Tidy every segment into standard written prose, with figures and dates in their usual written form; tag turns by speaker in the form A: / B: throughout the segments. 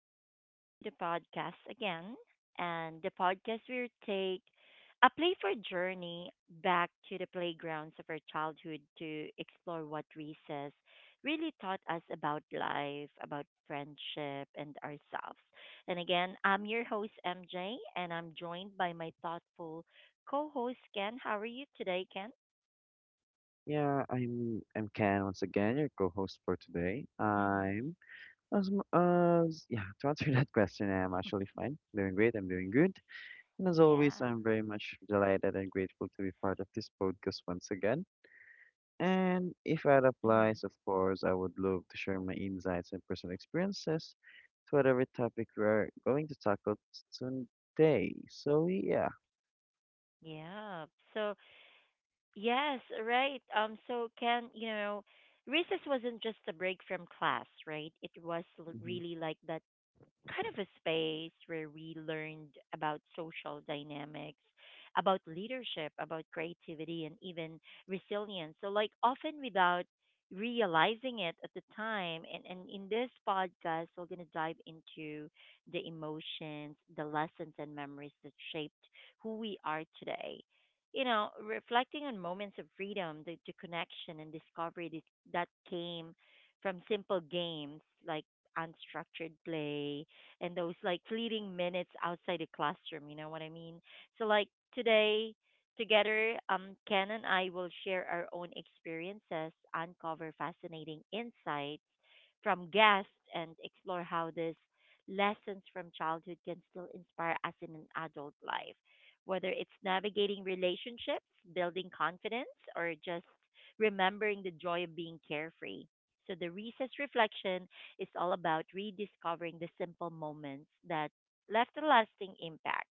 A: and welcome to the podcast again. And the podcast will take a playful journey back to the playgrounds of our childhood to explore what recess really taught us about life, about friendship, and ourselves. And again, I'm your host, MJ, and I'm joined by my thoughtful co host, Ken. How are you today, Ken?
B: Yeah, I'm Ken once again, your co-host for today.
A: Mm-hmm.
B: I'm as m- as Yeah, to answer that question, I'm actually fine. Doing great, I'm doing good. And as always,
A: Yeah.
B: I'm very much delighted and grateful to be part of this podcast once again. And if that
A: Hmm.
B: applies, of course, I would love to share my insights and personal experiences to whatever topic we're going to tackle today. So yeah.
A: Yeah. So, yes, right. Recess wasn't just a break from class, right? It was
B: Hmm.
A: really like that kind of a space where we learned about social dynamics, about leadership, about creativity, and even resilience. So, like, often without realizing it at the time. And in this podcast, we're going to dive into the emotions, the lessons, and memories that shaped who we are today. You know, reflecting on moments of freedom, the connection and discovery that came from simple games like unstructured play, and those like fleeting minutes outside the classroom, you know what I mean? So like today together, Ken and I will share our own experiences, uncover fascinating insights from guests and explore how these lessons from childhood can still inspire us in an adult life. Whether it's navigating relationships, building confidence, or just remembering the joy of being carefree. So the recess reflection is all about rediscovering the simple moments that left a lasting impact.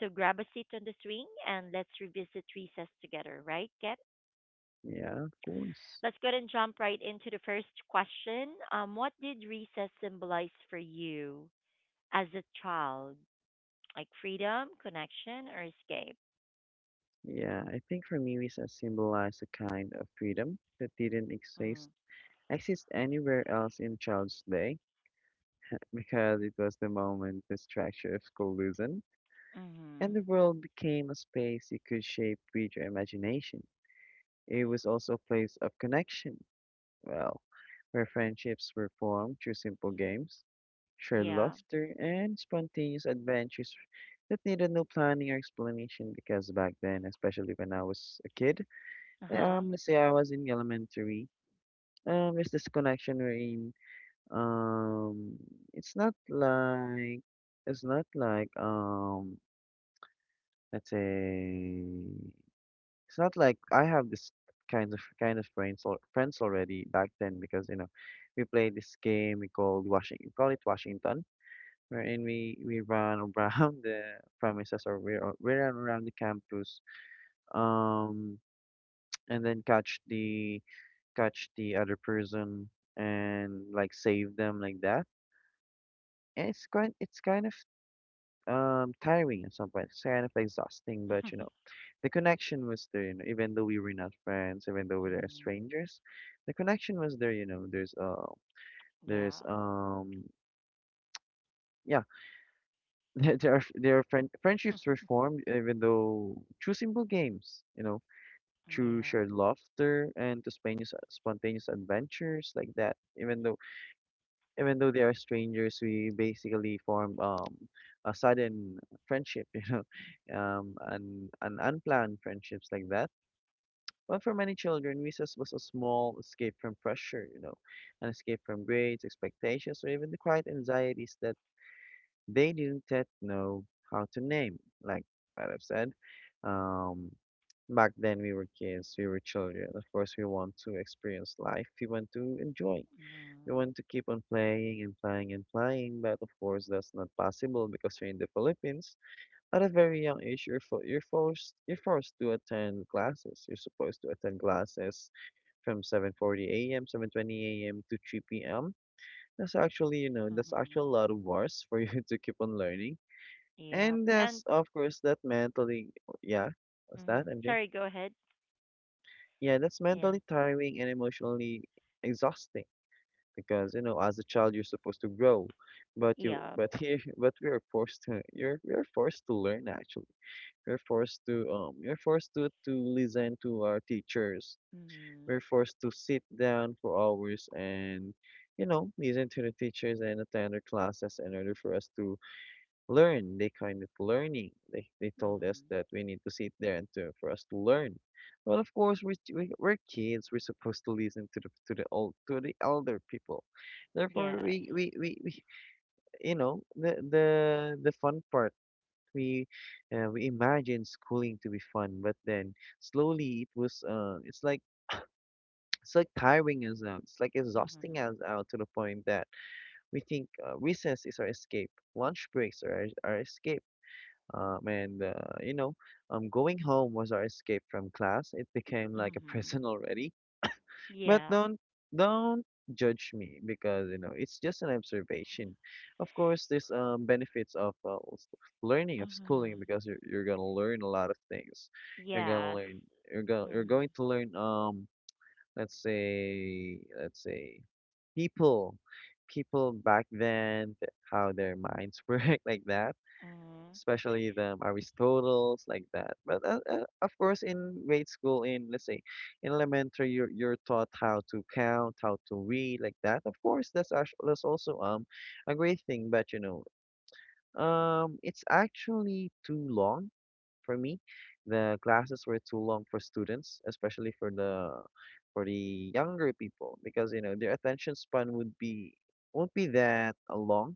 A: So grab a seat on the swing and let's revisit recess together, right, Kat?
B: Yeah, of course.
A: Let's go ahead and jump right into the first question. What did recess symbolize for you as a child? Like freedom, connection, or escape?
B: Yeah, I think for me, recess symbolized a kind of freedom that didn't exist
A: Mm.
B: exist anywhere else in child's day, because it was the moment the structure of school loosened and
A: Mm-hmm.
B: the world became a space you could shape with your imagination. It was also a place of connection, well, where friendships were formed through simple games, shared
A: Yeah.
B: laughter, and spontaneous adventures that needed no planning or explanation, because back then, especially when I was a kid,
A: Uh-huh.
B: Let's say I was in elementary. There's this connection wherein, um, it's not like it's not like let's say it's not like I have this kind of friends or friends already back then, because you know we play this game we called Washington we call it Washington wherein we run around the premises, or we run around the campus, um and then catch the other person and like save them like that. And it's kind of tiring at some point. It's kind of exhausting, but, the connection was there, even though we were not friends, even though we were
A: Mm.
B: strangers, the connection was there. There's
A: Yeah.
B: um yeah, there there are friend friendships were formed, even though through simple games, through
A: Yeah.
B: shared laughter and to spontaneous adventures like that. Even though even though they are strangers, we basically form a sudden friendship, an unplanned friendships like that. Well, for many children, recess was a small escape from pressure, an escape from grades, expectations, or even the quiet anxieties that they didn't yet know how to name. Like what I've said, um, back then we were kids, we were children. Of course, we want to experience life, we want to enjoy. You
A: Mm-hmm.
B: want to keep on playing and playing and playing, but of course that's not possible because you're in the Philippines. At a very young age, you're forced to attend classes. You're supposed to attend classes from 7:40 a.m., 7:20 a.m. to 3 p.m. That's actually
A: Mm-hmm.
B: a lot of hours for you to keep on learning,
A: Yep.
B: and that's,
A: And
B: of course, that mentally, yeah, what's
A: mm-hmm.
B: that, MJ?
A: Sorry, go ahead.
B: Yeah, that's
A: Yeah.
B: mentally tiring and emotionally exhausting. Because as a child you're supposed to grow, but you
A: Yeah.
B: but here but we are forced to, you're we are forced to learn, actually. We're forced to um we're forced to listen to our teachers.
A: Mhm.
B: We're forced to sit down for hours and listen to the teachers and attend their classes in order for us to learn. They kind of learning. They told us
A: Mhm.
B: that we need to sit there and to for us to learn. Well, of course we're kids. We're supposed to listen to the old to the elder people. Therefore,
A: Yes.
B: we you know the fun part. We we imagine schooling to be fun, but then slowly it's like tiring us out. It's like exhausting
A: Mhm.
B: us out to the point that we think recess is our escape, lunch breaks are our escape, and you know, going home was our escape from class. It became like a
A: Mhm.
B: prison already. But
A: Yeah.
B: don't judge me, because it's just an observation. Of course, there's benefits of learning of schooling,
A: Mhm.
B: because you're gonna learn a lot of things. You're gonna
A: Yes.
B: learn. You're gonna you're
A: Mhm.
B: going to learn, let's say people people back then, how their minds work, like that,
A: Mhm.
B: especially them Aristotles like that. But of course, in grade school, in let's say in elementary, you're taught how to count, how to read, like that. Of course, that's also a great thing. But it's actually too long for me. The classes were too long for students, especially for the younger people, because their attention span would be won't be that long,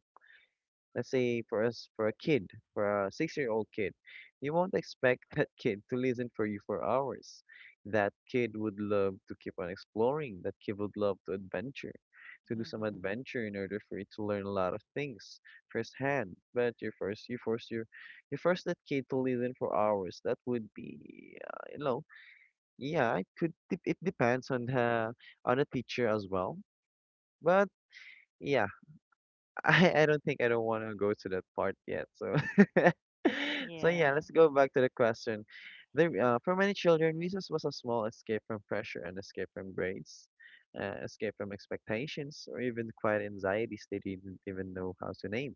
B: let's say for us, for a kid, for a 6-year old kid. You won't expect that kid to listen for you for hours. That kid would love to keep on exploring, that kid would love to adventure, to do some
A: Mhm.
B: adventure in order for you to learn a lot of things firsthand. But you first you force your you force that kid to listen for hours. That would be, yeah, it could it depends on the teacher as well. But yeah, I don't want to go to that part yet. So, so
A: Yeah.
B: yeah, let's go back to the question. For many children, recess was a small escape from pressure and escape from grades, escape from expectations, or even quiet anxieties they didn't even know how to name.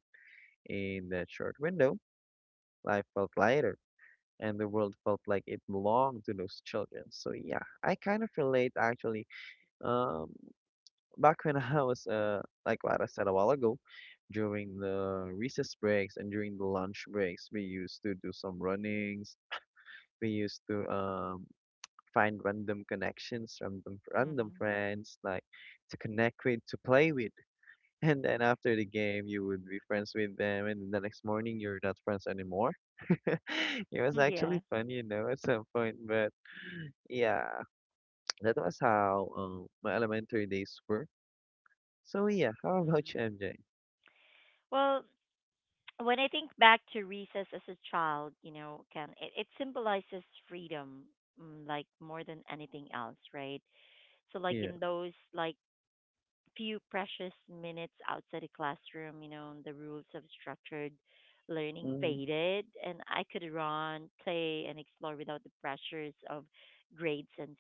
B: In that short window, life felt lighter, and the world felt like it belonged to those children. So yeah, I kind of relate, actually. Um, Back when I was like what I said a while ago, during the recess breaks and during the lunch breaks, we used to do some runnings. We used to find random connections, random
A: Mhm.
B: friends, like to connect with, to play with. And then after the game, you would be friends with them, and the next morning you're not friends anymore. It was actually
A: Yeah.
B: fun, at some point, but yeah, that was how my elementary days were. So yeah, how about you,
A: Mhm.
B: MJ?
A: Well, when I think back to recess as a child, you know, can it symbolizes freedom, mm, like more than anything else, right? So, like
B: Yeah.
A: in those like few precious minutes outside the classroom, you know, the rules of structured learning
B: Mhm.
A: faded, and I could run, play, and explore without the pressures of grades and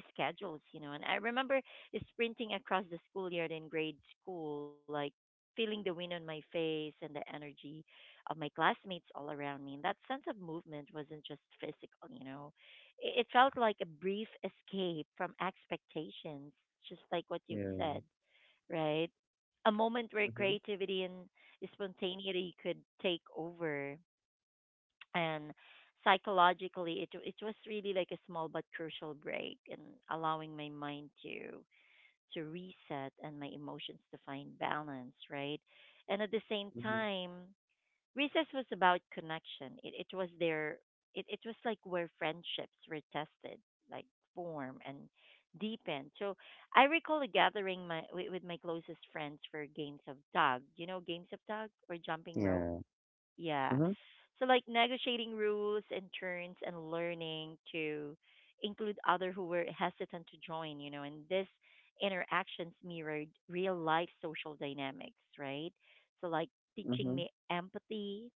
A: schedules, you know. And I remember sprinting across the schoolyard in grade school, like feeling the wind on my face and the energy of my classmates all around me. And that sense of movement wasn't just physical, you know, it felt like a brief escape from expectations, just like what you've
B: Yeah.
A: said right? A moment where
B: Mhm.
A: creativity and spontaneity could take over. And psychologically, it was really like a small but crucial break and allowing my mind to reset and my emotions to find balance, right? And at the same
B: Mhm.
A: time, recess was about connection. It was their it was like where friendships were tested, like form and deepened. So I recall a gathering my with my closest friends for games of tug. You know games of tug or jumping rope?
B: Yeah.
A: Yeah.
B: Mhm.
A: So like negotiating rules and turns and learning to include other who were hesitant to join, you know, and this interactions mirrored real life social dynamics, right? So like teaching
B: Mhm.
A: me empathy.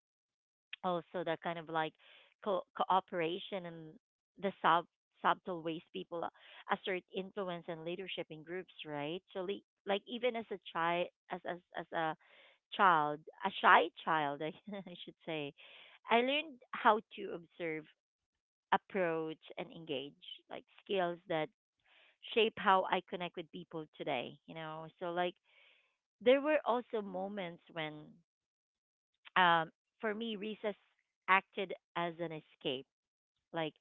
A: Oh, so that kind of like cooperation and the sub subtle ways people assert influence and leadership in groups, right? So like even as a child, as a child, a shy child, I, I should say, I learned how to observe, approach, and engage, like skills that shape how I connect with people today. You know, so like there were also moments when, um, for me, recess acted as an escape like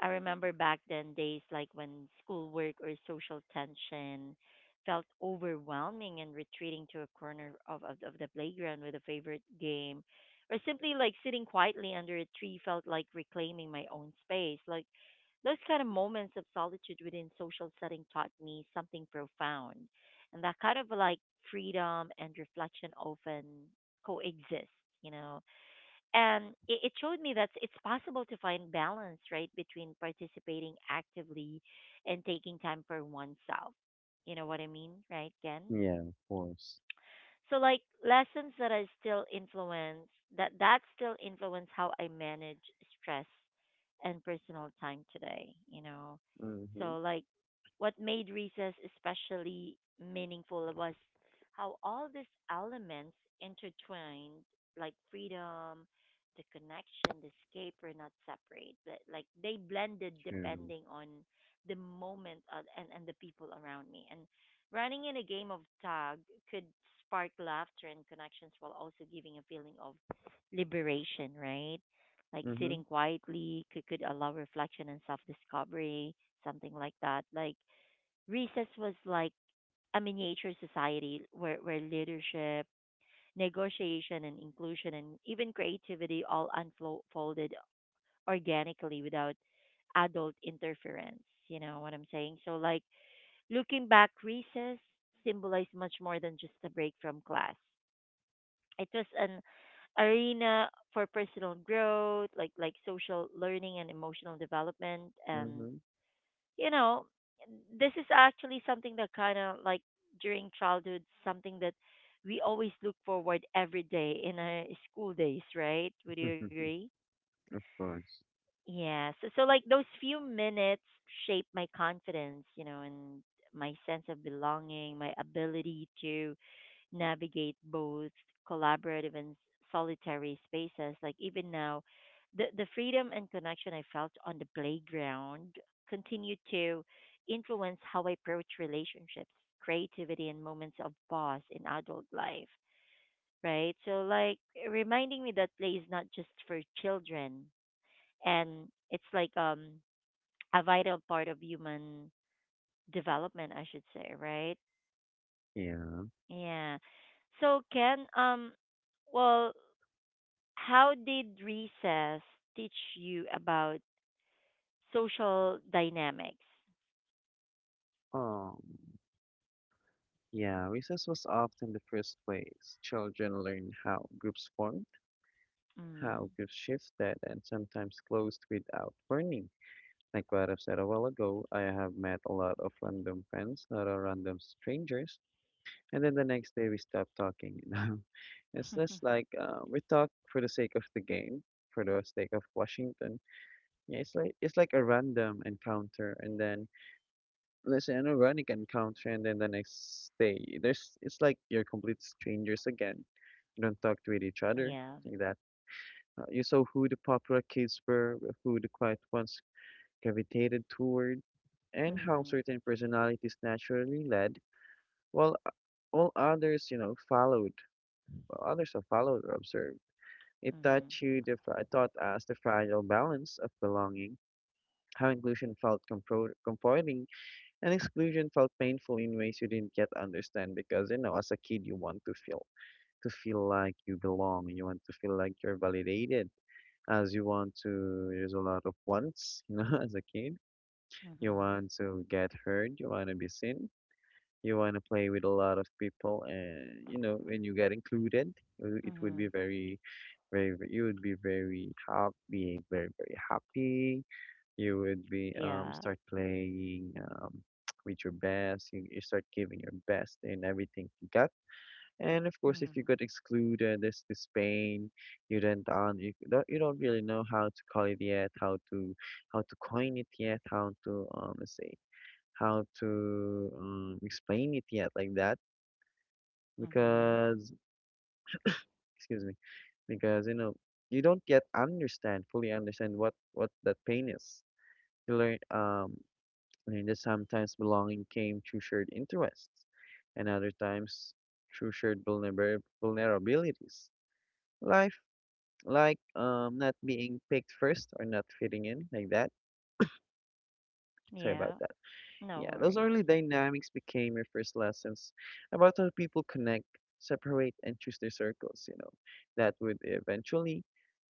A: I remember back then days like when schoolwork or social tension felt overwhelming and retreating to a corner of the playground with a favorite game or simply like sitting quietly under a tree felt like reclaiming my own space. Like those kind of moments of solitude within social setting taught me something profound. And that kind of like freedom and reflection often coexist, you know and it showed me that it's possible to find balance right between participating actively and taking time for oneself, you know what I mean, right, Ken?
B: Yeah, of course.
A: So like lessons that I still influence that still influence how I manage stress and personal time today, you know. So
B: Mhm.
A: like what made recess especially meaningful was how all these elements intertwined, like freedom, the connection, the escape were not separate. Like they blended
B: True.
A: depending on the moment and the people around me. And running in a game of tag could spark laughter and connections while also giving a feeling of liberation, right? Like sitting
B: Mhm.
A: quietly could allow reflection and self discovery, something like that. Like recess was like a miniature society where leadership, negotiation, and inclusion, and even creativity all unfolded organically without adult interference. You know what I'm saying? So, like, looking back, recess symbolized much more than just a break from class. It was an arena for personal growth, like social learning and emotional development. And
B: Mhm.
A: you know, this is actually something that kind of like during childhood, something that we always look forward every day in our school days, right? Would you agree?
B: Of course.
A: Yeah. So, so like those few minutes shaped my confidence, you know, and my sense of belonging, my ability to navigate both collaborative and solitary spaces. Like even now, the freedom and connection I felt on the playground continue to influence how I approach relationships, creativity, and moments of pause in adult life. Right. So like reminding me that play is not just for children and it's like a vital part of human development, I should say, right?
B: Yeah.
A: Yeah. So Ken, well, how did recess teach you about social dynamics?
B: Um, yeah, recess was often the first place children learn how groups formed,
A: Mm.
B: how groups shifted, and sometimes closed without warning. Like what I've said a while ago, I have met a lot of random friends, not a random strangers, and then the next day we stop talking it's just like we talk for the sake of the game, for the sake of Washington. Yeah, it's like a random encounter, and then let's say an ironic encounter, and then the next day there's it's like you're complete strangers again. You don't talk to each other,
A: Yeah.
B: like that. You saw who the popular kids were, who the quiet ones gravitated toward, and how
A: Mhm.
B: certain personalities naturally led, while all others followed, while others are followed or observed. It taught
A: Mhm.
B: you the fra- taught us the fragile balance of belonging, how inclusion felt comforting and exclusion felt painful in ways you didn't yet understand, because as a kid you want to feel like you belong, you want to feel like you're validated, as you want to. There's a lot of wants, as a kid. You
A: Mhm.
B: want to get heard, you want to be seen, you want to play with a lot of people, and when you get included, it would
A: Mhm.
B: be very very, you would be very happy, being very very happy. You would be
A: Yeah.
B: start playing with your best. You start giving your best in everything you got. And of course, if you
A: Mhm.
B: got excluded, there's this pain. You don't on you don't really know how to call it yet, how to coin it yet, how to explain it yet, like that,
A: Mhm.
B: because excuse me, because you don't yet understand fully understand what that pain is. You learn that sometimes belonging came through shared interests and other times through shared vulnerabilities, life, like not being picked first or not fitting in, like that. Sorry about
A: Yeah.
B: that.
A: No
B: Yeah, those
A: worries.
B: early dynamics became your first lessons about how people connect, separate, and choose their circles. That would eventually,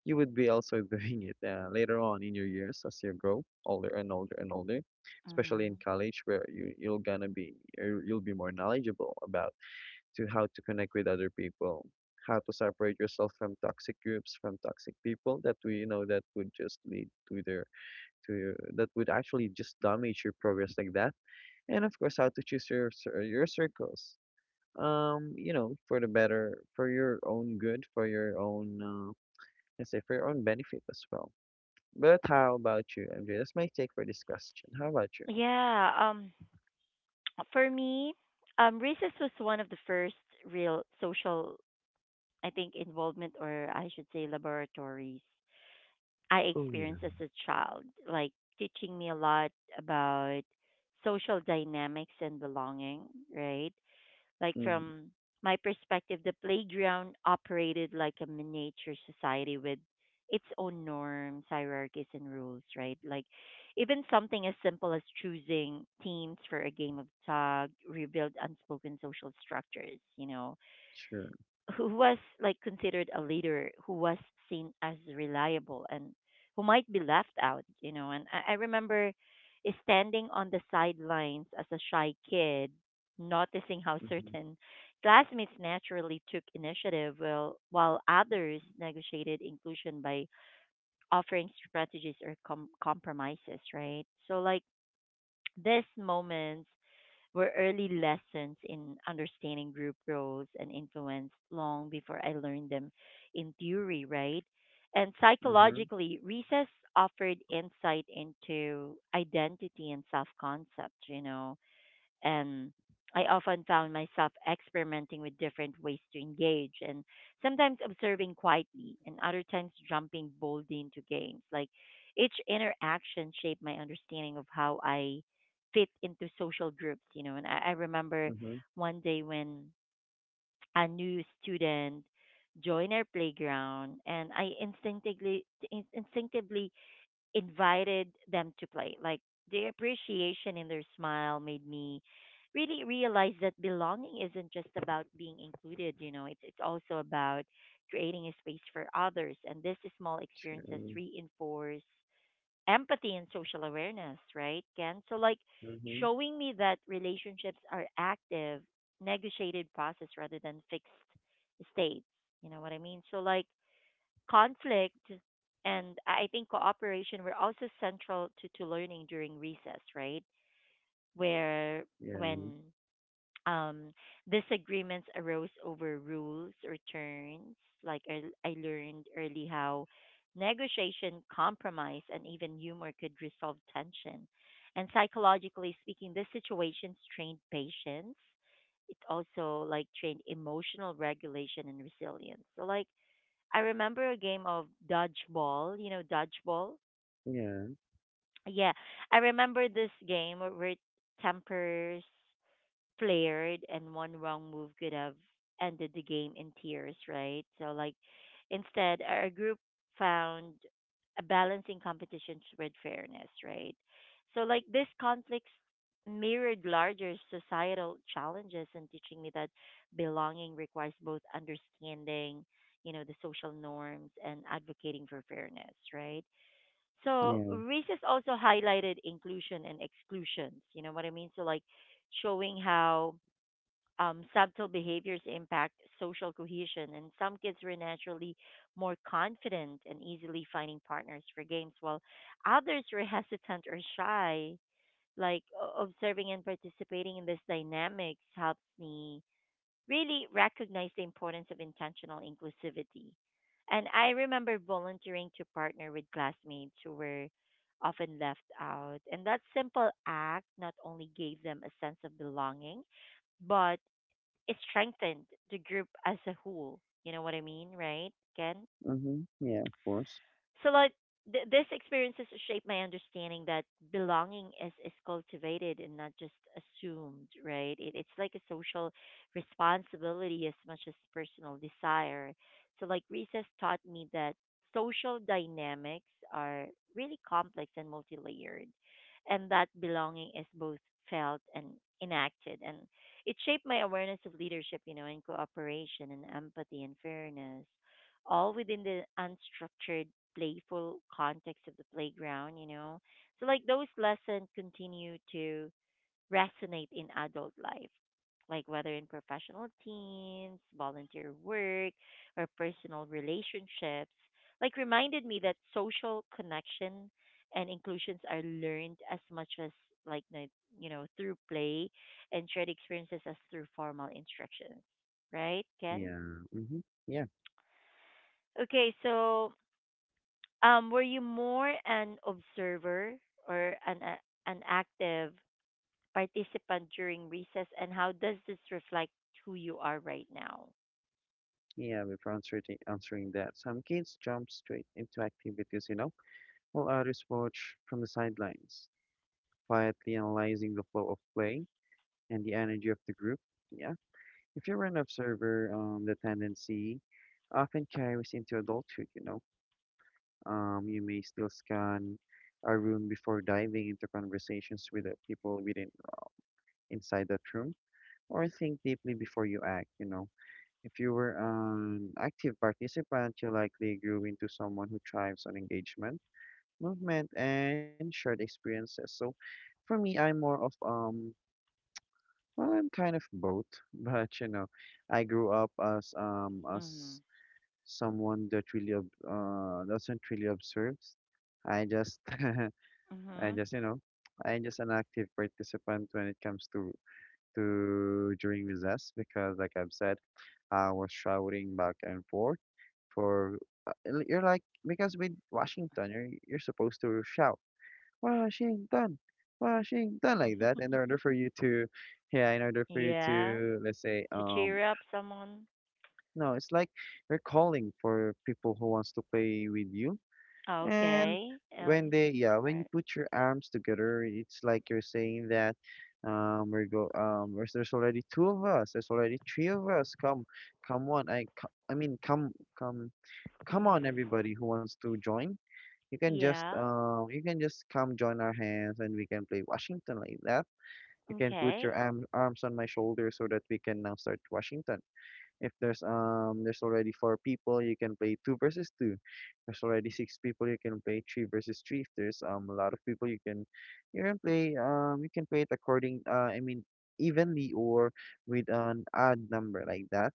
B: you would be also doing it later on in your years as you grow older and older and older, especially in
A: Mhm.
B: college where you'll be more knowledgeable about to how to connect with other people, how to separate yourself from toxic groups, from toxic people that we, you know, that would just lead to their, to, that would actually just damage your progress like that, and of course how to choose your your circles, for the better, for your own good, for your own let's say for your own benefit as well. But how about you, MJ? That's my take for this question. How about you?
A: Yeah. Um, for me, recess was one of the first real social, I think, involvement or I should say laboratories I
B: Oh yeah.
A: experienced as a child, like teaching me a lot about social dynamics and belonging, right? Like
B: Mm-hmm.
A: from my perspective, the playground operated like a miniature society with its own norms, hierarchies, and rules, right? Like even something as simple as choosing teams for a game of tag revealed unspoken social structures, you know
B: Sure.
A: who was like considered a leader who was seen as reliable and who might be left out, you know. And I remember standing on the sidelines as a shy kid, noticing how
B: Mm-hmm.
A: certain classmates naturally took initiative while others negotiated inclusion by offering strategies or compromises, right? So, like, these moments were early lessons in understanding group roles and influence long before I learned them in theory, right? And
B: Mm-hmm.
A: psychologically, recess offered insight into identity and self concept, you know and I often found myself experimenting with different ways to engage and sometimes observing quietly and other times jumping boldly into games. Like each interaction shaped my understanding of how I fit into social groups, you know. And I remember
B: Mm-hmm.
A: one day when a new student joined our playground and I instinctively instinctively invited them to play. Like the appreciation in their smile made me really realize that belonging isn't just about being included, you know, it's also about creating a space for others and this small experiences
B: Sure.
A: reinforce empathy and social awareness, right, Ken? So like
B: Mm-hmm.
A: showing me that relationships are active, negotiated process rather than fixed states. You know what I mean? So like conflict and I think cooperation were also central to learning during recess, right? Where
B: Yeah,
A: when um, disagreements arose over rules or turns, like I learned early how negotiation, compromise, and even humor could resolve tension. And psychologically speaking, this situations trained patience. It also like trained emotional regulation and resilience. So like I remember a game of dodgeball. You know, dodgeball.
B: yeah,
A: Yeah, I remember this game where tempers flared, and one wrong move could have ended the game in tears, right? So, like, instead, our group found a balancing competition with fairness, right? So, like, these conflicts mirrored larger societal challenges and teaching me that belonging requires both understanding, you know, the social norms and advocating for fairness, right? So
B: yeah.
A: races also highlighted inclusion and exclusions. You know what I mean? So like showing how subtle behaviors impact social cohesion, and some kids are naturally more confident and easily finding partners for games, while others are hesitant or shy. Like observing and participating in this dynamics helps me really recognize the importance of intentional inclusivity. And I remember volunteering to partner with classmates who were often left out. And that simple act not only gave them a sense of belonging, but it strengthened the group as a whole. You know what I mean, right, Ken?
B: Mm-hmm. Yeah, of course.
A: So like this experiences shape my understanding that belonging is cultivated and not just assumed, right? It, it's like a social responsibility as much as personal desire. So recess taught me that social dynamics are really complex and multi-layered, and that belonging is both felt and enacted, and it shaped my awareness of leadership, you know, and cooperation and empathy and fairness, all within the unstructured playful context of the playground, So those lessons continue to resonate in adult life, like whether in professional teams, volunteer work, or personal relationships. Like reminded me that social connection and inclusions are learned as much as like the- through play and shared experiences as through formal instructions, right, Ken?
B: Yeah. Mm-hmm. Yeah.
A: Okay, so were you more an observer or an active participant during recess, and how does this reflect who you are right now?
B: We're answering that some kids jump straight into activities, you know, while others watch from the sidelines, quietly analyzing the flow of play and the energy of the group. Yeah, if you're an observer, the tendency often carries into adulthood, you know. You may still scan a room before diving into conversations with the people within inside that room, or think deeply before you act, you know. If you were an active participant, you likely grew into someone who thrives on engagement, movement, and shared experiences. So for me, I'm more of well, I'm kind of both, but you know, I grew up as
A: Mhm.
B: someone that really doesn't really observes. I just I
A: Mhm.
B: just you know I'm just an active participant when it comes to during recess because like I've said, I was shouting back and forth for uh, you're like because with Washington you're supposed to shout, "Wow, she ain't done, Washington, done" like that. In order for you to, yeah, in order for you
A: Yeah,
B: to, let's say,
A: to cheer up someone.
B: no, it's like you're calling for people who wants to play with you. And
A: Okay. Oh,
B: when they, yeah, when you
A: alright.
B: put your arms together, it's like you're saying that, there's already two of us. There's already three of us. Come, come on. I, co- I mean, come, come, come on,
A: Mhm.
B: everybody who wants to join.
A: Yeah.
B: You can just come join our hands and we can play Washington like that. You can put
A: Okay.
B: your arms on my shoulder so that we can now start Washington. If there's there's already four people, you can play two versus two. There's already six people, you can play three versus three. If there's a lot of people, you can, you can play it according I mean evenly or with an odd number like that.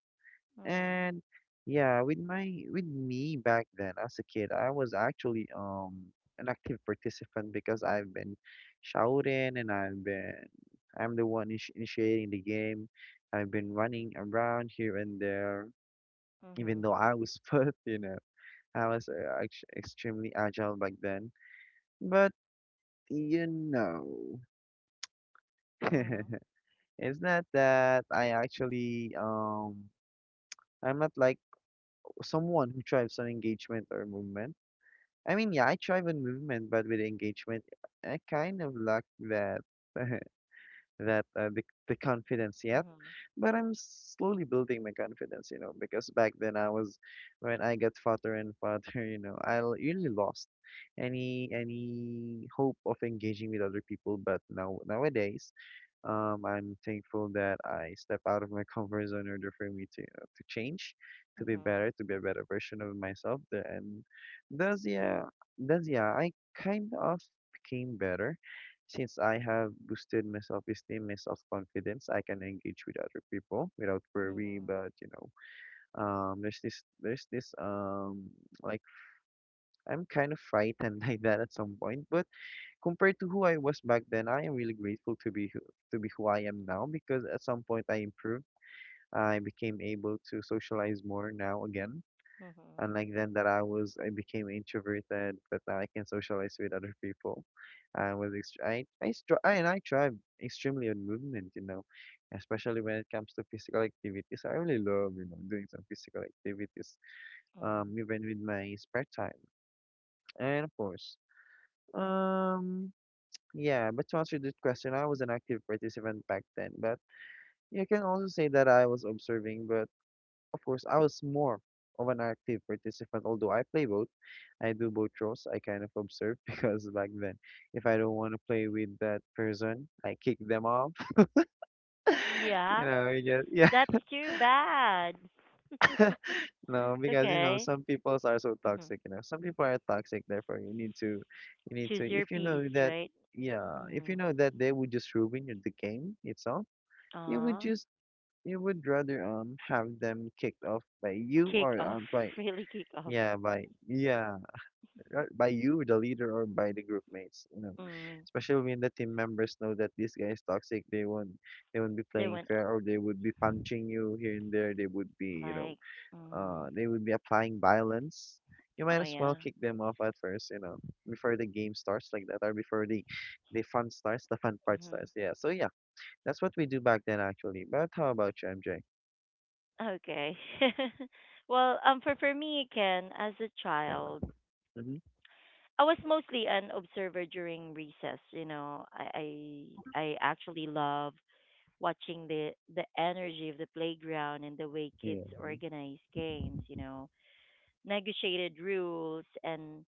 A: Mhm.
B: And yeah, with my with me back then as a kid, I was actually an active participant because I've been shouting and I've been, I'm the one initiating the game. I've been running around here and there, even
A: Mhm.
B: though I was foot, you know, I was extremely agile back then. But you know,
A: Mhm.
B: it's not that I actually I'm not like someone who drives on engagement or movement. I mean, yeah, I thrive on movement, but with engagement, I kind of lack that. that uh, the, the confidence yet.
A: Mhm.
B: But I'm slowly building my confidence, you know, because back then I was when I got fatter and fatter, you know, I really lost any hope of engaging with other people. But now nowadays, I'm thankful that I step out of my comfort zone in order for me to change, to be
A: Mhm.
B: better, to be a better version of myself. And thus, yeah, thus, yeah, I kind of became better since I have boosted my self-esteem, my self-confidence. I can engage with other people without worry.
A: Mhm.
B: But you know, there's this, like, I'm kind of frightened like that at some point. But compared to who I was back then, I am really grateful to be who I am now because at some point I improved. I became able to socialize more now again,
A: Mhm.
B: and like then that I was I became introverted, but now I can socialize with other people. I was ext- I str- I and I thrive extremely on movement, you know, especially when it comes to physical activities. I really love, you know, doing some physical activities,
A: Mhm.
B: even with my spare time, and of course, um. Yeah, but to answer this question, I was an active participant back then, but you can also say that I was observing, but of course, I was more of an active participant, although I play both. I do both roles. I kind of observe because back then, if I don't want to play with that person, I kick them off. You
A: Yeah.
B: know, you just, yeah,
A: That's too bad.
B: no, because you know
A: Okay.
B: some people are so
A: Mhm.
B: toxic. You know, some people are toxic. Therefore, you need to, you need to.
A: Choose your
B: If you know
A: peas,
B: that,
A: right?
B: yeah, if you
A: Mm.
B: know that they would just ruin the game itself, you would
A: Uh,
B: just, you would rather have them kicked off by you
A: kick
B: or
A: off,
B: by,
A: really kick off.
B: yeah, by, yeah, right, by you, the leader, or by the group mates. You know,
A: Mm.
B: especially when the team members know that this guy is toxic, they won't be
A: They
B: playing
A: went
B: fair, or they would be punching you here and there. They would be, you know,
A: like, mm.
B: they would be applying violence. You might
A: Oh
B: as well
A: yeah.
B: kick them off at first, you know, before the game starts like that, or before the fun starts, the fun part
A: Hmm.
B: starts. Yeah. So yeah, that's what we do back then actually. But how about you, MJ?
A: Okay. Well, for me, Ken, as a
B: Yeah.
A: child,
B: Mm-hmm.
A: I was mostly an observer during recess. I actually love watching the energy of the playground and the way kids
B: Yeah.
A: organize games. You know, negotiated rules and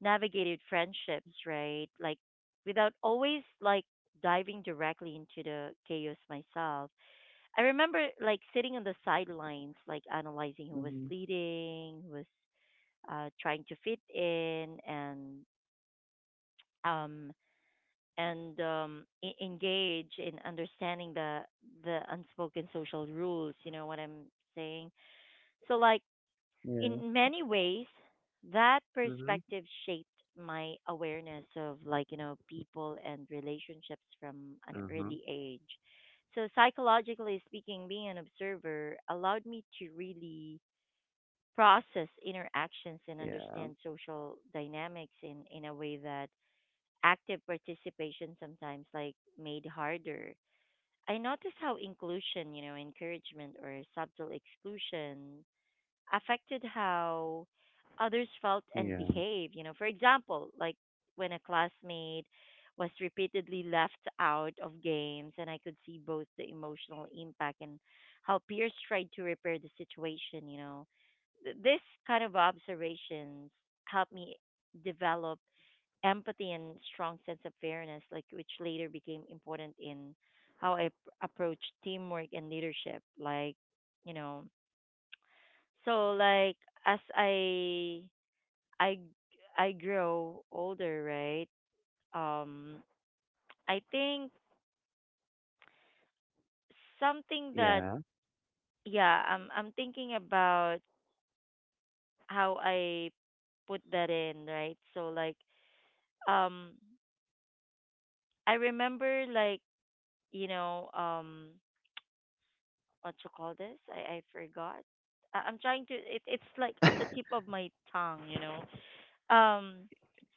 A: navigated friendships, right? Like without always like diving directly into the chaos myself. I remember like sitting on the sidelines, like analyzing who was
B: Mm-hmm.
A: leading, who was trying to fit in, and um engage in understanding the unspoken social rules. You know what I'm saying? So
B: Yeah.
A: in many ways, that
B: Mm-hmm.
A: perspective shaped my awareness of, like, you know, people and relationships from an
B: Uh-huh.
A: early age. So, psychologically speaking, being an observer allowed me to really process interactions and
B: Yeah.
A: understand social dynamics in a way that active participation sometimes like made harder. I noticed how inclusion, you know, encouragement or subtle exclusion affected how others felt and behaved. You know, for example, like when a classmate was repeatedly left out of games, and I could see both the emotional impact and how peers tried to repair the situation. This kind of observations helped me develop empathy and strong sense of fairness, like which later became important in how I p- approach teamwork and leadership. Like, you know, so as I I I grow older, right? Um I think something that
B: Yeah.
A: yeah, I'm thinking about how I put that in, right? So um I remember, like, you know, what you call this? I forgot. I'm trying to it, it's like at the tip of my tongue, you know. Um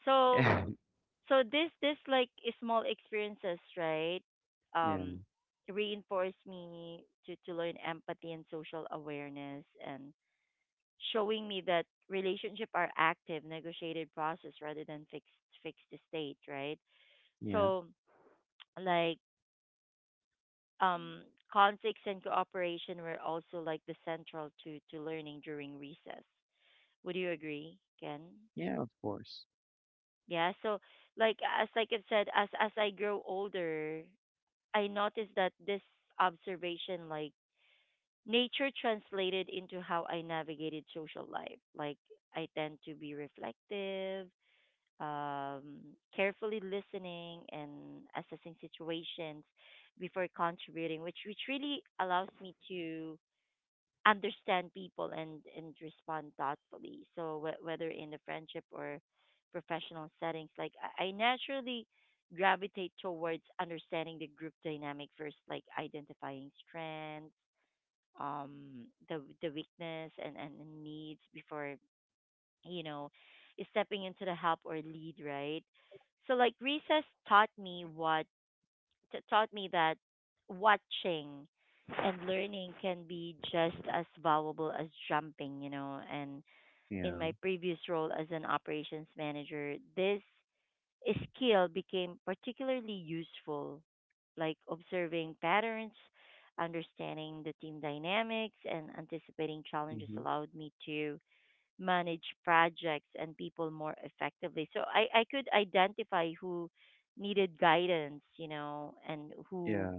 A: so
B: Yeah.
A: this like small experiences, right?
B: Yeah,
A: um Reinforce me to learn empathy and social awareness, and showing me that relationship are active negotiated process rather than fixed state, right?
B: yeah,
A: So like um conflicts and cooperation were also like the central to learning during recess. Would you agree, Ken?
B: yeah, of course.
A: Yeah. So as like I've said, as I grow older, I noticed that this observation, like, nature translated into how I navigated social life. Like I tend to be reflective, um, carefully listening and assessing situations before contributing, which really allows me to understand people and respond thoughtfully. So whether in the friendship or professional settings, like I naturally gravitate towards understanding the group dynamic first, like identifying strengths, the weakness and needs before, you know, stepping into the help or lead, right? So like recess taught me what taught me that watching and learning can be just as valuable as jumping, you know. And
B: Yeah,
A: in my previous role as an operations manager, this skill became particularly useful, like observing patterns, understanding the team dynamics, and anticipating challenges
B: mm-hmm.
A: allowed me to manage projects and people more effectively. So I could identify who needed guidance, you know, and who
B: Yeah,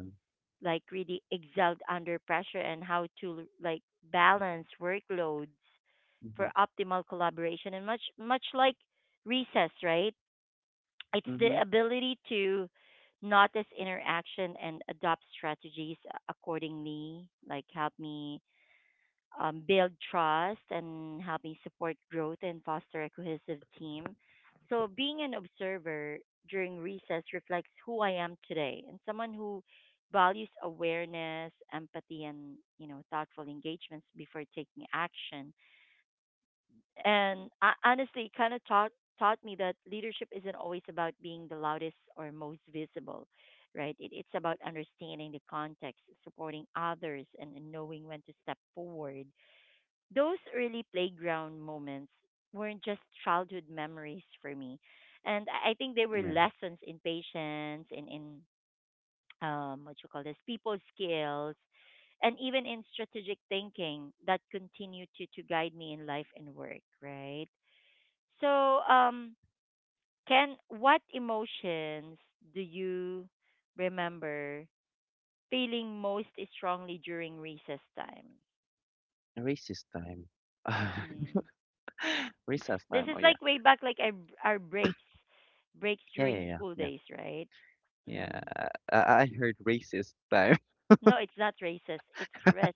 A: like really excelled under pressure, and how to like balance workloads
B: mm-hmm.
A: for optimal collaboration. And much like recess, right? It's the
B: Mm-hmm.
A: ability to notice interaction and adopt strategies accordingly, like help me build trust and help me support growth and foster a cohesive team. So being an observer during recess reflects who I am today, and someone who values awareness, empathy, and, you know, thoughtful engagements before taking action. And I, honestly, it kind of taught me that leadership isn't always about being the loudest or most visible, right? It, it's about understanding the context, supporting others, and knowing when to step forward. Those early playground moments weren't just childhood memories for me, and I think they were
B: Yeah.
A: lessons in patience, in what you call this, people skills, and even in strategic thinking that continue to guide me in life and work, right? So Ken, what emotions do you remember feeling most strongly during recess time?
B: Racist time.
A: Mm.
B: Recess
A: This
B: time.
A: is
B: Oh, yeah.
A: like way back, like our breaks, breaks
B: Yeah, yeah,
A: during
B: yeah,
A: school
B: yeah.
A: days, right?
B: Yeah,
A: Mm.
B: I heard racist time.
A: No, it's not racist. It's res,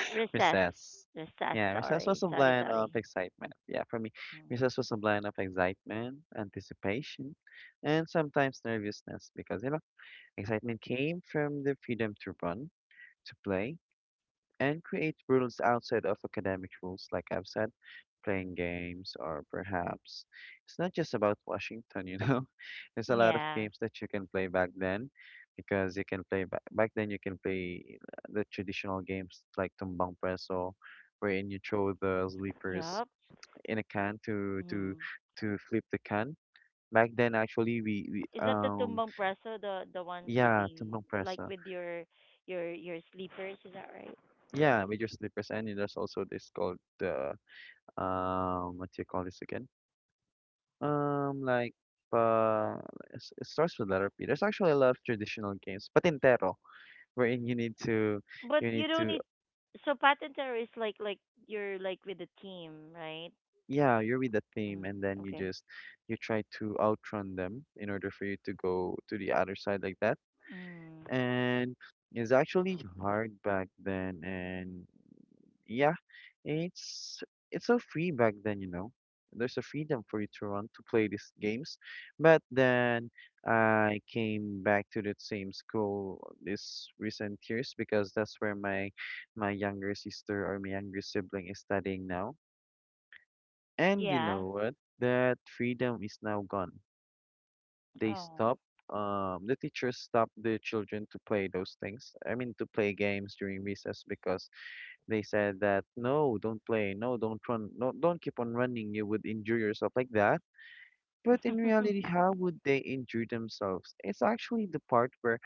A: recess,
B: Recess.
A: recess.
B: Yeah, recess was
A: Sorry,
B: a
A: sorry,
B: blend of
A: sorry.
B: excitement. Yeah, for me,
A: Mm.
B: recess was a blend of excitement, anticipation, and sometimes nervousness because, you know, excitement came from the freedom to run, to play, and create rules outside of academic rules, like I've said. Playing games, or perhaps it's not just about Washington, you know. There's a lot of
A: Yeah.
B: games that you can play back then because you can play back then you can play the traditional games like tumbang preso, wherein you throw the sleepers
A: Yup.
B: in a can
A: Mm.
B: to flip the can. Back then actually we, we
A: Is that the
B: um
A: tumbang preso, the one
B: yeah,
A: sleeping
B: tumbang
A: like
B: preso.
A: with your your sleepers? Is that right?
B: Yeah, with your slippers. And there's also this called the what do you call this again? Um, like, uh, it's, it starts with letter P. There's actually a lot of traditional games, patintero, wherein
A: But
B: you
A: you
B: need
A: don't
B: to,
A: need. So patent terror is like, you're like with the team, right?
B: yeah, you're with the theme, and
A: Mm,
B: then you
A: okay.
B: just, you try to outrun them in order for you to go to the other side like that.
A: Mm,
B: And it's actually hard back then. And yeah, it's it's so free back then, you know. There's a freedom for you to run, to play these games. But then I came back to that same school this recent years because that's where my younger sister or my younger sibling is studying now. And you
A: yeah.
B: know what, that freedom is now gone. They
A: Oh.
B: stopped, the teachers stopped the children to play those things, I mean to play games during recess, because they said that, "No, don't play. No, don't run. No, don't keep on running. You would injure yourself" like that. But in reality, how would they injure themselves? It's actually the part where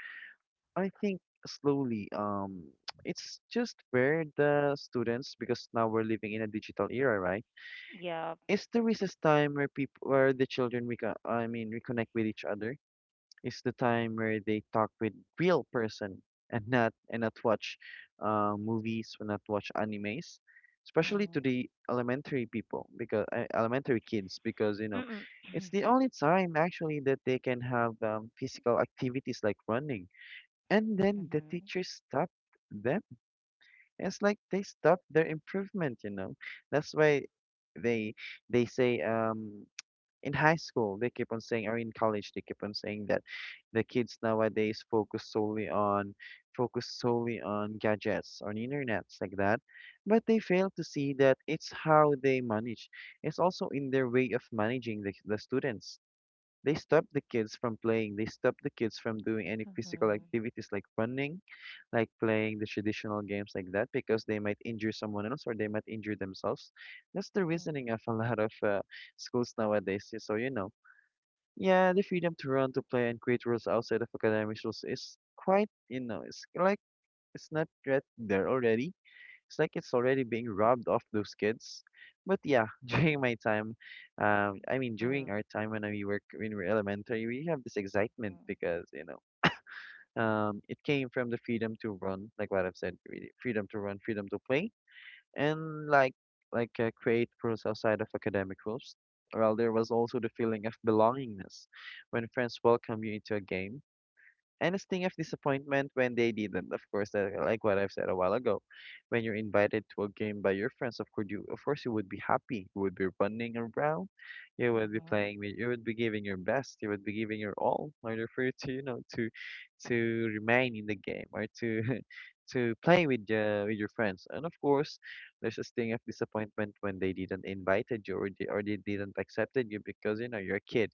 B: I think slowly it's just where the students, because now we're living in a digital era, right?
A: Yep.
B: It's the recess time where people where the children reconnect with each other. It's the time where they talk with real person and not watch movies or not watch animes, especially to
A: Mm-hmm.
B: the elementary people, because elementary kids, because you know
A: Mm-mm.
B: it's the only time actually that they can have physical activities like running. And then the
A: Mhm.
B: teachers stop them. It's like they stop their improvement, you know. That's why they they say in high school they keep on saying, or in college they keep on saying, that the kids nowadays focus solely on, focus solely on gadgets, on internets like that. But they fail to see that it's how they manage, it's also in their way of managing the students. They stop the kids from playing. They stop the kids from doing any physical
A: Mhm.
B: activities like running, like playing the traditional games like that, because they might injure someone else or they might injure themselves. That's the
A: Mhm.
B: reasoning of a lot of schools nowadays. So, you know, yeah, the freedom to run, to play, and create rules outside of academic rules is quite, you know, it's like it's not right there already. It's like it's already being robbed off those kids. But yeah, during my time, during
A: Mhm.
B: our time when we were elementary, we have this excitement because it came from the freedom to run, like what I've said, really, freedom to run, freedom to play, and create rules outside of academic rules. Well, there was also the feeling of belongingness when friends welcome you into a game and a sting of disappointment when they didn't. Of course, like what I've said a while ago, when you're invited to a game by your friends, of course you would be happy. You would be running around, you would be
A: Mhm.
B: playing, you would be giving your best, you would be giving your all in order for you to to remain in the game or to to play with your friends. And of course, there's a sting of disappointment when they didn't invited you or they didn't accepted you because you know you're a kid.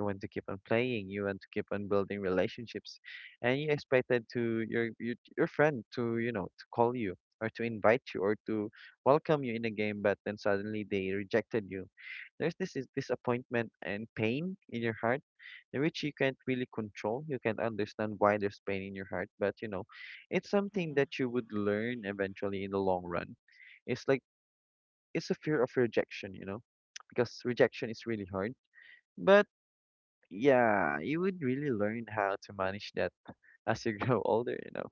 B: You want to keep on playing, you want to keep on building relationships, and you expected to your your friend to, you know, to call you or to invite you or to welcome you in a game, but then suddenly they rejected you. There's this is disappointment and pain in your heart, in which you can't really control. You can't understand why there's pain in your heart, but you know it's something
A: Mhm.
B: that you would learn eventually in the long run. It's like it's a fear of rejection, you know, because rejection is really hard. But yeah, you would really learn how to manage that as you grow older, you know.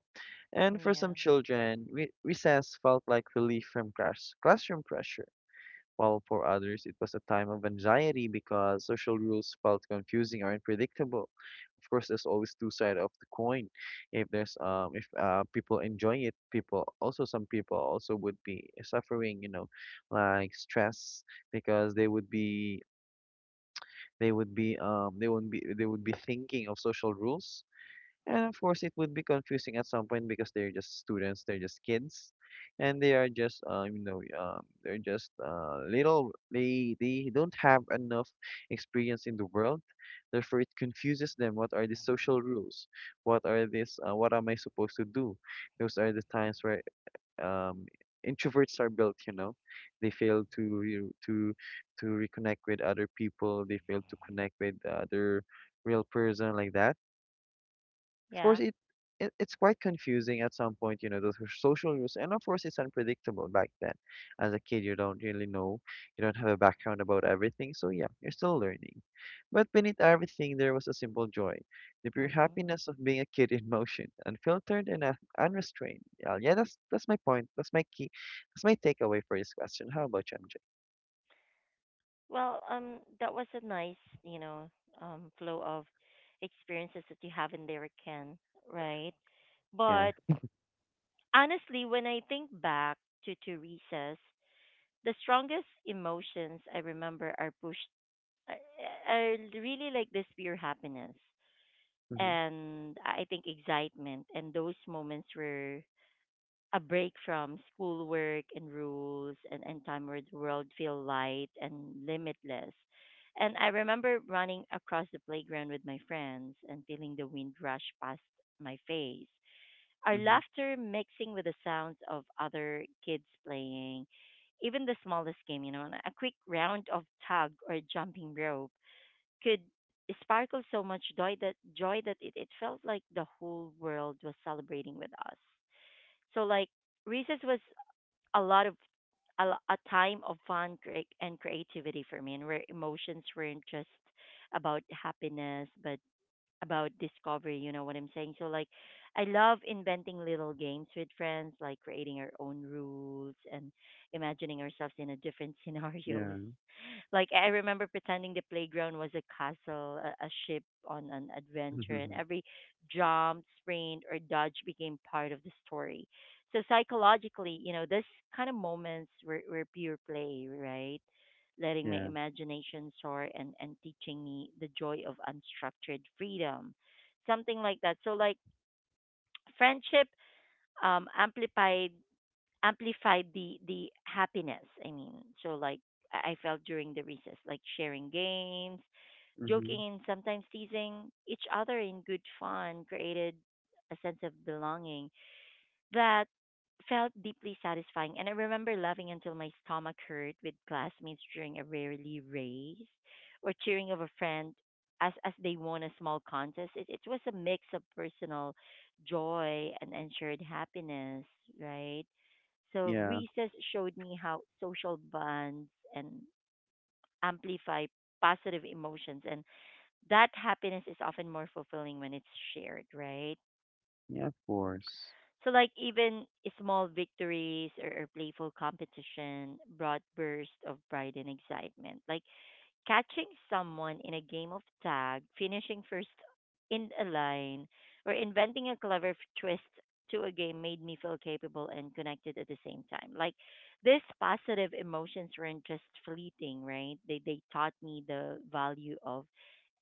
B: And for some
A: Yeah.
B: children, recess felt like relief from classroom pressure, while for others, it was a time of anxiety because social rules felt confusing or unpredictable. Of course, there's always two sides of the coin. If there's if people enjoy it, people also some people also would be suffering, you know, like stress, because they would be, they would be they would be, they would be thinking of social rules. And of course, it would be confusing at some point because they're just students, they're just kids, and they are just, they're just little. They don't have enough experience in the world, therefore it confuses them. What are the social rules? What are this? What am I supposed to do? Those are the times where um, introverts are built. You know, they fail to to reconnect with other people. They fail to connect with the other real person like that. Of course,
A: Yeah.
B: it's quite confusing at some point, you know, those social rules, and of course, it's unpredictable back then. As a kid, you don't really know, you don't have a background about everything, so yeah, you're still learning. But beneath everything, there was a simple joy, the pure
A: Mhm.
B: happiness of being a kid in motion, unfiltered and unrestrained. Yeah, yeah, that's my point. That's my key. That's my takeaway for this question. How about you, MJ?
A: Well, that was a nice, you know, flow of experiences that you have in there, Ken. Right.
B: Yeah.
A: But honestly, when I think back to recess, the strongest emotions I remember are pushed, are are really like this pure happiness
B: Mm-hmm.
A: and I think excitement. And those moments were a break from schoolwork and rules, and time where the world feel light and limitless. And I remember running across the playground with my friends and feeling the wind rush past my face. Our
B: Mm-hmm.
A: laughter mixing with the sounds of other kids playing, even the smallest game, you know, and a quick round of tug or jumping rope could sparkle so much joy, that joy that it felt like the whole world was celebrating with us. So recess was a lot of a, a time of fun and creativity for me, and where emotions weren't just about happiness, but about discovery, you know what I'm saying? So like I love inventing little games with friends, like creating our own rules and imagining ourselves in a different scenarios.
B: Yeah.
A: Like I remember pretending the playground was a castle, a ship on an adventure, and
B: Mm-hmm.
A: every jump, sprint or dodge became part of the story. So psychologically, you know, this kind of moments were pure play, right? Letting my
B: Yeah.
A: imagination soar, and teaching me the joy of unstructured freedom. Something like that. So like friendship um amplified amplified the happiness. I mean, so like I felt during the recess, like sharing games,
B: Mm-hmm.
A: joking and sometimes teasing each other in good fun created a sense of belonging that felt deeply satisfying. And I remember laughing until my stomach hurt with classmates during a rarely race, or cheering of a friend as they won a small contest. It was a mix of personal joy and, ensured happiness, right? So
B: Yeah.
A: recess showed me how social bonds and amplify positive emotions, and that happiness is often more fulfilling when it's shared, right?
B: Yeah, of course.
A: So like even small victories, or playful competition brought bursts of pride and excitement. Like catching someone in a game of tag, finishing first in a line, or inventing a clever twist to a game made me feel capable and connected at the same time. Like these positive emotions weren't just fleeting, right? They taught me the value of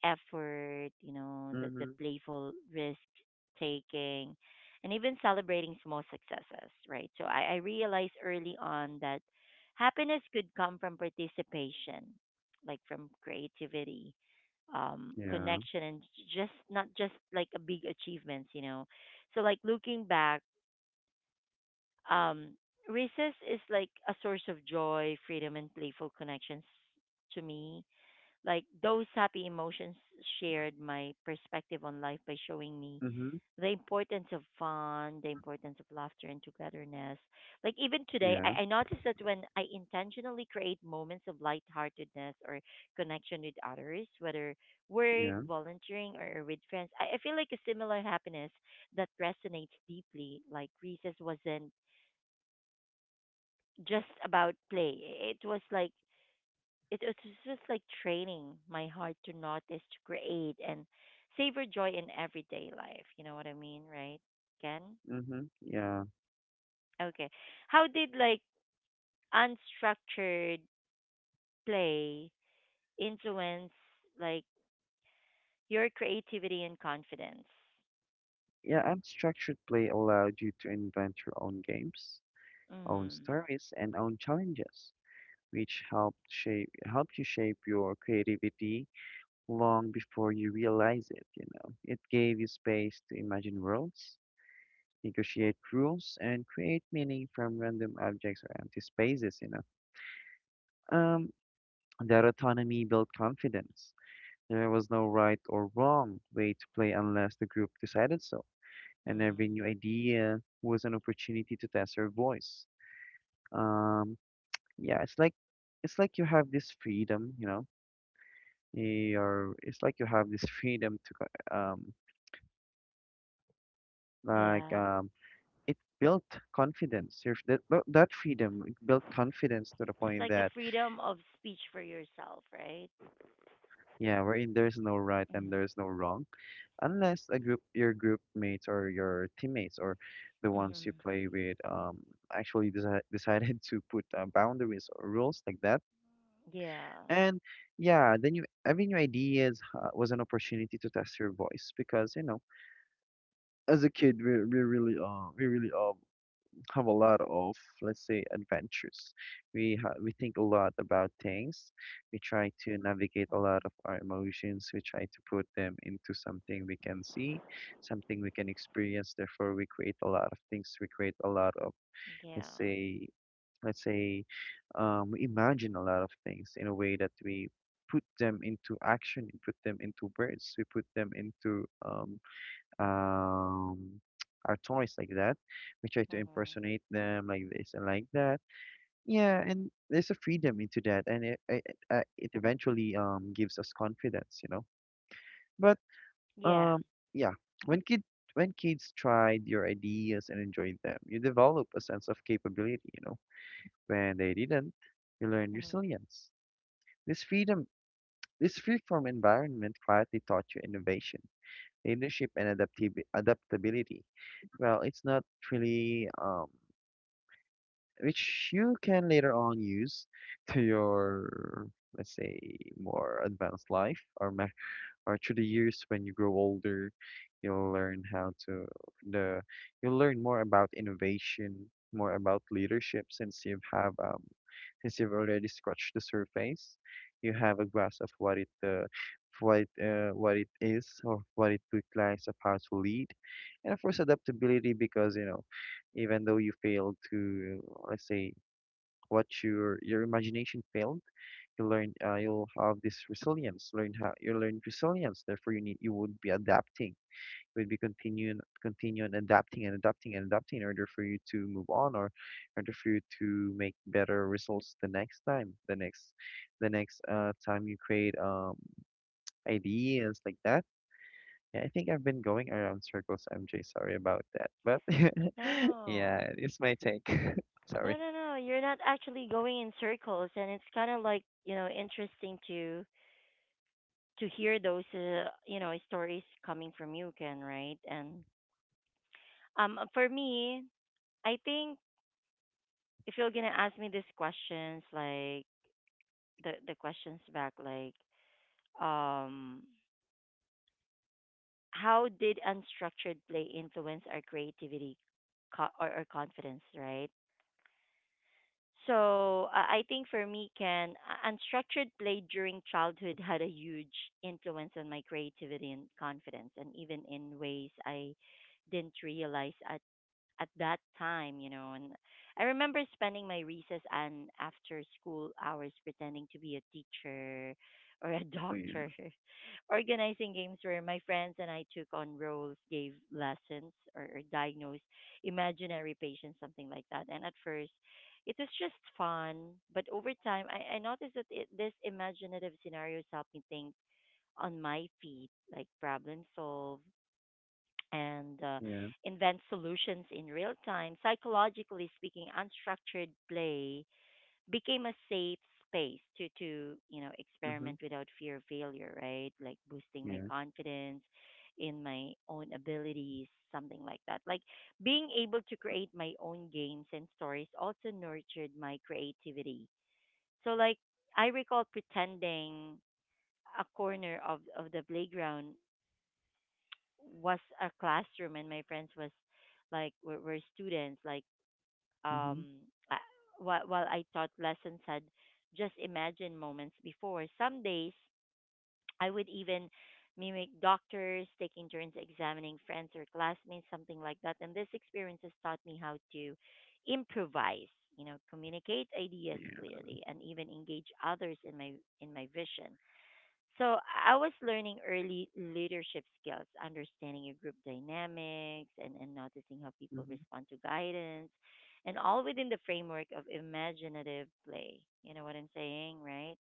A: effort, you know, the
B: Mm-hmm.
A: playful risk taking, and even celebrating small successes, right? So I realized early on that happiness could come from participation, like from creativity,
B: Yeah.
A: connection, and just not just like a big achievements, you know. So like looking back, um, recess is like a source of joy, freedom, and playful connections to me. Like those happy emotions shared my perspective on life by showing me
B: Mm-hmm.
A: the importance of fun, the importance of laughter and togetherness. Like even today,
B: Yeah,
A: I noticed that when I intentionally create moments of lightheartedness or connection with others, whether work,
B: yeah.
A: volunteering, or with friends, I feel like a similar happiness that resonates deeply. Like recess wasn't just about play; it was like it, it's just like training my heart to notice, to create, and savor joy in everyday life. You know what I mean, right, Ken?
B: Mm-hmm. Yeah.
A: Okay. How did like unstructured play influence like your creativity and confidence?
B: Yeah, and structured play allowed you to invent your own games, own
A: Mm.
B: stories, and own challenges, which help you shape your creativity long before you realize it, you know. It gave you space to imagine worlds, negotiate rules, and create meaning from random objects or empty spaces, you know. Um, that autonomy built confidence. There was no right or wrong way to play unless the group decided so. And
A: Mm.
B: every new idea was an opportunity to test her voice. Um, yeah, it's like you have this freedom, you know. Or it's like you have this freedom to like
A: Yeah.
B: um, it built confidence. That freedom built confidence to the
A: It's
B: point
A: like a
B: that
A: freedom of speech for yourself, right?
B: yeah, wherein there's no right and
A: Mm.
B: there's no wrong, unless a group your group mates or your teammates or the ones you
A: Mm-hmm.
B: play with actually desi decided to put boundaries or rules like that.
A: Yeah.
B: And yeah, the new every new ideas was an opportunity to test your voice because you know, as a kid, we really have a lot of, let's say, adventures. We think a lot about things. We try to navigate a lot of
A: Mm.
B: our emotions. We try to put them into something we can see, something we can experience. Therefore, we create a lot of things. We create a lot of,
A: Yeah.
B: let's say, let's say, we imagine a lot of things in a way that we put them into action, we put them into words, we put them into um, our toys like that. We try to
A: Mm-hmm.
B: impersonate them like this and like that. Yeah, and there's a freedom into that, and it eventually gives us confidence, you know. But
A: Yeah.
B: um, yeah, when kid when kids tried your ideas and enjoyed them, you develop a sense of capability, you know. When they didn't, you learned
A: Mm-hmm.
B: resilience. This freedom, this free from environment quietly taught you innovation, leadership, and adaptability. Well, it's not really, which you can later on use to your, let's say, more advanced life, or through the years when you grow older, you'll learn how to the you'll learn more about innovation, more about leadership, since you have since you've already scratched the surface, you have a grasp of what it of what what it is, or what it requires, of how to lead, and of course adaptability, because you know, even though you failed to, let's say, what your imagination failed, you'll have this resilience, learn how you learn resilience, therefore you would be adapting, you would be continuing adapting and adapting and adapting in order for you to move on, or in order for you to make better results the next time, the next time you create ideas like that. Yeah, I think I've been going around circles, MJ, sorry about that, but yeah,
A: No.
B: it's my take.
A: No,
B: Sorry.
A: no, no. You're not actually going in circles and it's kind of like, you know, interesting to hear those you know, stories coming from you, Ken, right? And for me, I think if you're going to ask me these questions like the questions back like um how did unstructured play influence our creativity or confidence, right? So I think for me, Ken, unstructured play during childhood had a huge influence on my creativity and confidence, and even in ways I didn't realize at that time, you know. And I remember spending my recess and after school hours pretending to be a teacher or a
B: Oh yeah.
A: doctor, organizing games where my friends and I took on roles, gave lessons, or diagnosed imaginary patients, something like that. And at first, it was just fun, but over time, I noticed that it, this imaginative scenarios helped me think on my feet, like problem solve and
B: Yeah.
A: invent solutions in real time. Psychologically speaking, unstructured play became a safe space to you know
B: Mm-hmm.
A: experiment without fear of failure, right? Like boosting my
B: Yeah.
A: confidence in my own abilities, something like that. Like being able to create my own games and stories also nurtured my creativity. So like I recall pretending a corner of the playground was a classroom and my friends was like were students like
B: Mm-hmm.
A: um I, while I taught lessons had just imagine moments before some days I would even mimic doctors taking turns examining friends or classmates, something like that. And this experiences taught me how to improvise, you know, communicate ideas
B: Yeah.
A: clearly and even engage others in my vision. So I was learning early leadership skills, understanding your group dynamics, and noticing how people
B: Mm-hmm.
A: respond to guidance, and all within the framework of imaginative play. You know what I'm saying, right?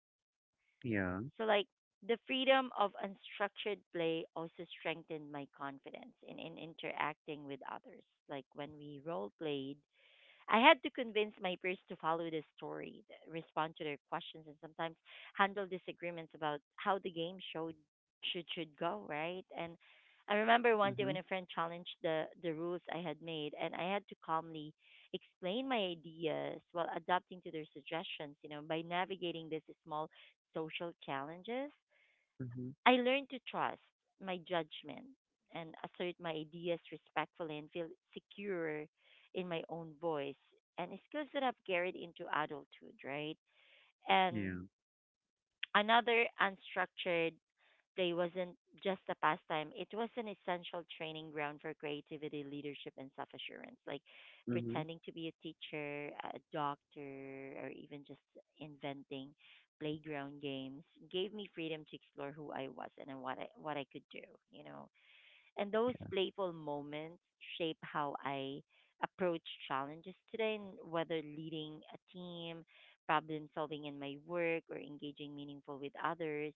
B: Yeah.
A: So, like, the freedom of unstructured play also strengthened my confidence in interacting with others. Like, when we role played, I had to convince my peers to follow the story, respond to their questions, and sometimes handle disagreements about how the game showed should go, right? And I remember one day when
B: Mhm,
A: a friend challenged the rules I had made, and I had to calmly explain my ideas while adapting to their suggestions. You know, by navigating these small social challenges,
B: mhm.
A: I learned to trust my judgment and assert my ideas respectfully and feel secure in my own voice and skills that I've carried into adulthood, right? And
B: Yeah.
A: another unstructured play wasn't just a pastime, it was an essential training ground for creativity, leadership, and self assurance. Like
B: Mhm,
A: pretending to be a teacher, a doctor, or even just inventing playground games gave me freedom to explore who I was and what I could do, you know. And those playful moments shape how I approach challenges today, and whether leading a team, problem solving in my work, or engaging meaningful with others.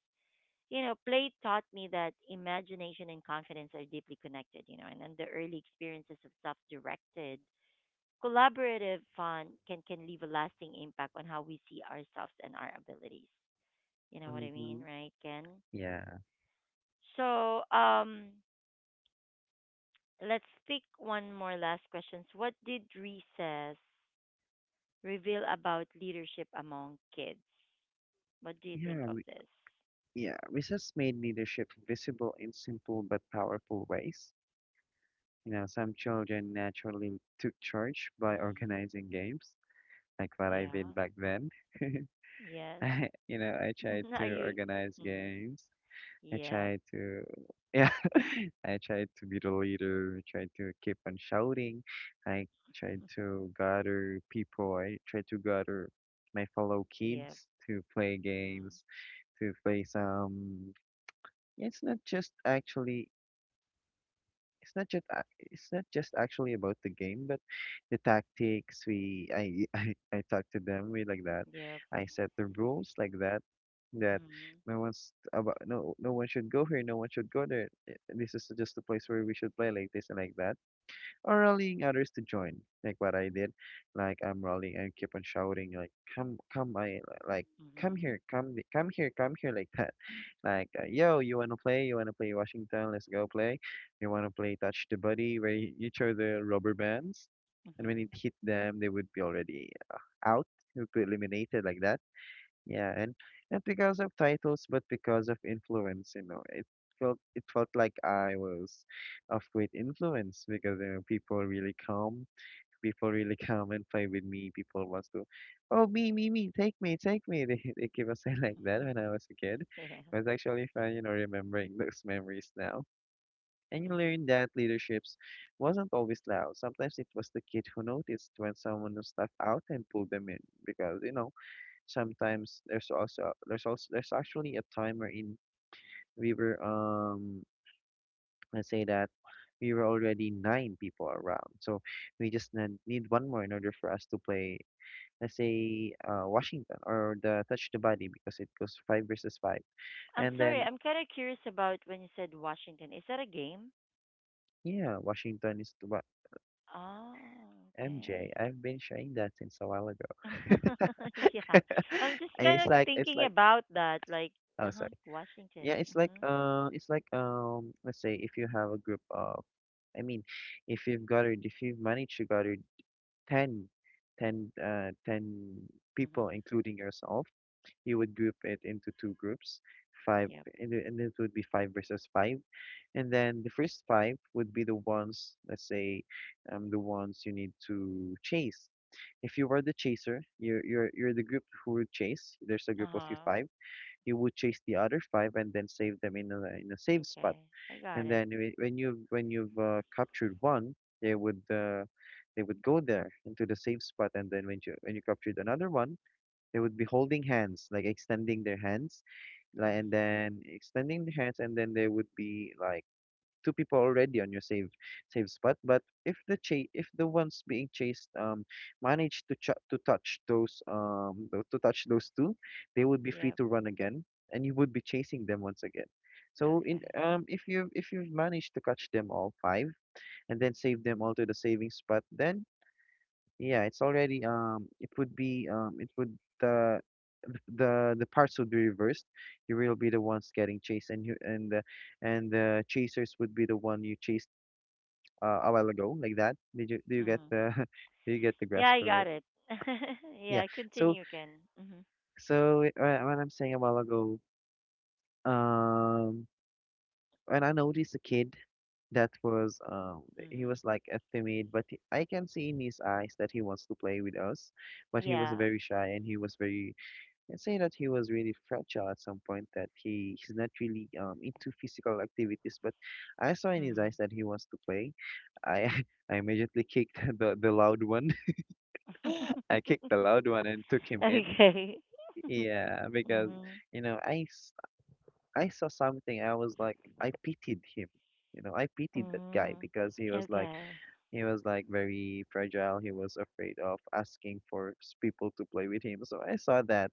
A: You know, play taught me that imagination and confidence are deeply connected, you know, and then the early experiences of self directed, collaborative fun can leave a lasting impact on how we see ourselves and our abilities. You know what I mean,
B: mhm.
A: right, Ken?
B: Yeah.
A: So, let's pick one more last questions. What did recess reveal about leadership among kids? What do you think
B: Yeah.
A: of this?
B: Yeah. Recess made leadership visible in simple but powerful ways. You know, some children naturally took charge by
A: Mm,
B: organizing games, like what I did
A: yeah.
B: back then.
A: Yes.
B: I, you know, I tried to
A: Are you?
B: organize
A: Mm,
B: games. I
A: yep.
B: tried to, yeah, I tried to be the leader, I tried to keep on shouting. I tried to gather people, I tried to gather my fellow
A: Yep.
B: kids to play
A: Mm,
B: games, to play some. It's not just actually, it's not just actually about the game, but the tactics. We I I talked to them. We like that.
A: yep.
B: I set the rules like that. That
A: Mm,
B: no one should go here. No one should go there. This is just a place where we should play like this and like that, or rallying others to join, like what I did. Like I'm rallying and keep on shouting, like come, come, I like come
A: hmm
B: here, come here, come here, like that. Like yo, you wanna play? You wanna play Washington? Let's go play. You wanna play touch the body where you throw the rubber bands, and when
A: hmm
B: it hit them, they would be already out, would be eliminated like that. Yeah, and not because of titles, but because of influence, you know. It felt like I was of great influence because you know people really come, people really come and play with me. People wants to, oh me, me, me, take me, take me. They keep on saying like that when I was a kid.
A: yeah.
B: It was actually fun, you know, remembering those memories now. And you
A: Hmm.
B: learn that leaderships wasn't always loud. Sometimes it was the kid who noticed when someone was left out and pulled them in, because sometimes there's actually a time wherein we were let's say that we were already nine people around, so we just need one more in order for us to play. Let's say Washington or the touch the body, because it goes five versus five.
A: I'm
B: And
A: sorry.
B: then,
A: I'm kind of curious about when you said Washington. Is that a game?
B: yeah, Washington is the what,
A: Oh, okay.
B: MJ? I've been sharing that since a while ago.
A: Yeah. I'm just
B: And
A: kind of
B: it's
A: thinking
B: like
A: about that, like,
B: Oh,
A: uh-huh,
B: sorry. Yeah
A: Washington. Mm-hmm.
B: it's like Let's say if you have a group of— I mean, if you've managed to gather 10, 10 people,
A: Mm-hmm.
B: including yourself. You would group it into two groups, five,
A: Yep.
B: and it would be five versus five. And then the first five would be the ones, let's say, the ones you need to chase. If you were the chaser, you're the group who would chase. There's a group of you
A: Uh-huh.
B: five. You would chase the other five and then save them in a safe spot,
A: Okay. I got
B: and
A: it.
B: then when you've captured one. They would they would go there into the safe spot, and then when you captured another one, they would be holding hands, like extending their hands, like, and
A: Mm-hmm.
B: then extending their hands, and then they would be like two people already on your save spot. But if the chase if the ones being chased manage to touch those tho- to touch those two, they would be free
A: Yep.
B: to run again, and you would be chasing them once again. So, in
A: Okay.
B: if you've managed to catch them all five and then save them all to the saving spot, then, yeah, it would the the parts would be reversed. You will be the ones getting chased, and the chasers would be the one you chase a while ago, like that. Did you do you get
A: Mm-hmm.
B: the do you get the
A: Yeah,
B: Grasp
A: I
B: of
A: got
B: it?
A: it.
B: Yeah.
A: Yeah,
B: So
A: continue again. Mm-hmm.
B: so, when I'm saying a while ago, um, when I noticed a kid that was he
A: Mm-hmm.
B: was like a timid, but I can see in his eyes that he wants to play with us, but he was
A: Yeah.
B: very shy and he was very— I'd say that he was really fragile at some point, that he's not really into physical activities, but I saw in his
A: Mm-hmm.
B: eyes that he wants to play. I I immediately kicked the loud one. I kicked the loud one and took him in.
A: Okay.
B: Yeah, because
A: Mm-hmm.
B: you know, I s- I saw something. I was like, I pitied him. You know, I pitied that guy
A: Mm-hmm.
B: because
A: Okay.
B: he was like very fragile. He was afraid of asking for people to play with him. So I saw that,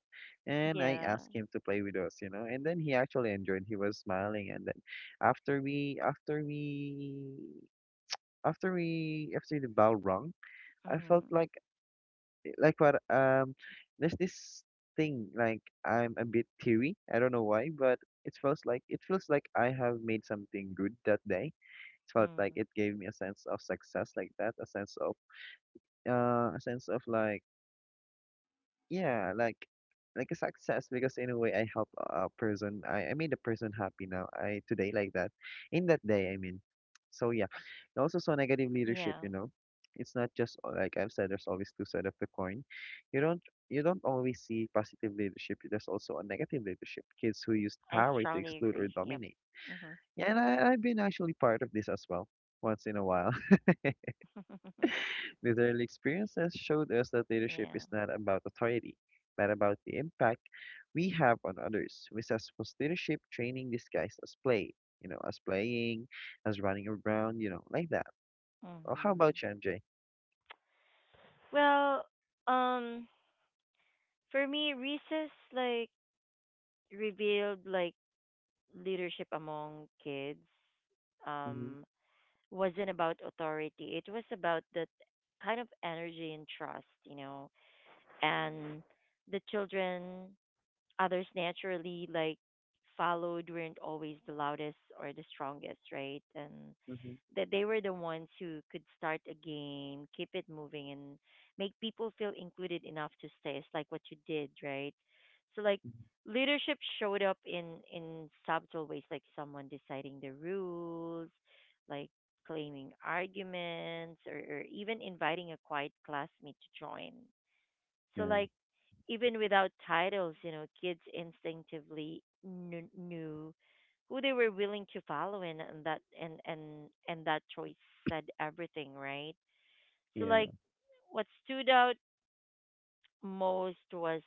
B: and I
A: Yeah.
B: asked him to play with us. You know, and then he actually enjoyed. He was smiling, and then after we after we after the bell rung, I felt
A: Mm-hmm.
B: like what there's this thing, like, I'm a bit teary. I don't know why, but it feels like I have made something good that day. It felt like
A: Mm-hmm.
B: it gave me a sense of success, like that. A sense of uh a sense of like yeah like a success, because in a way, I help a person. I made a person happy now, I today like that, in that day, I mean. So, yeah, I also so negative leadership,
A: Yeah.
B: you know, it's not just like I've said, there's always two sides of the coin. You don't you don't always see positive leadership. There's also a negative leadership, kids who use
A: I
B: power to
A: strongly
B: exclude or
A: agree. Yep.
B: dominate.
A: Mm-hmm.
B: Yeah, and I've been actually part of this as well, once in a while. These early experiences showed us that leadership
A: Yeah.
B: is not about authority, but about the impact we have on others. We saw sports leadership training disguised as play, as playing, as running around, like that. Well, how
A: Mhm.
B: about you, MJ?
A: Well, um, for me, recess like revealed like leadership among kids.
B: Mm-hmm,
A: Um, wasn't about authority. It was about that kind of energy and trust, you know, and the children others naturally like followed weren't always the loudest or the strongest, right? And
B: mm-hmm.
A: that they were the ones who could start a game, keep it moving, and make people feel included enough to stay. It's like what you did, right? So like leadership showed up in subtle ways, like someone deciding the rules, like claiming arguments, or even inviting a quiet classmate to join. So
B: Yeah,
A: like even without titles, you know, kids instinctively knew who they were willing to follow, and that choice said everything, right? So
B: yeah,
A: like what stood out most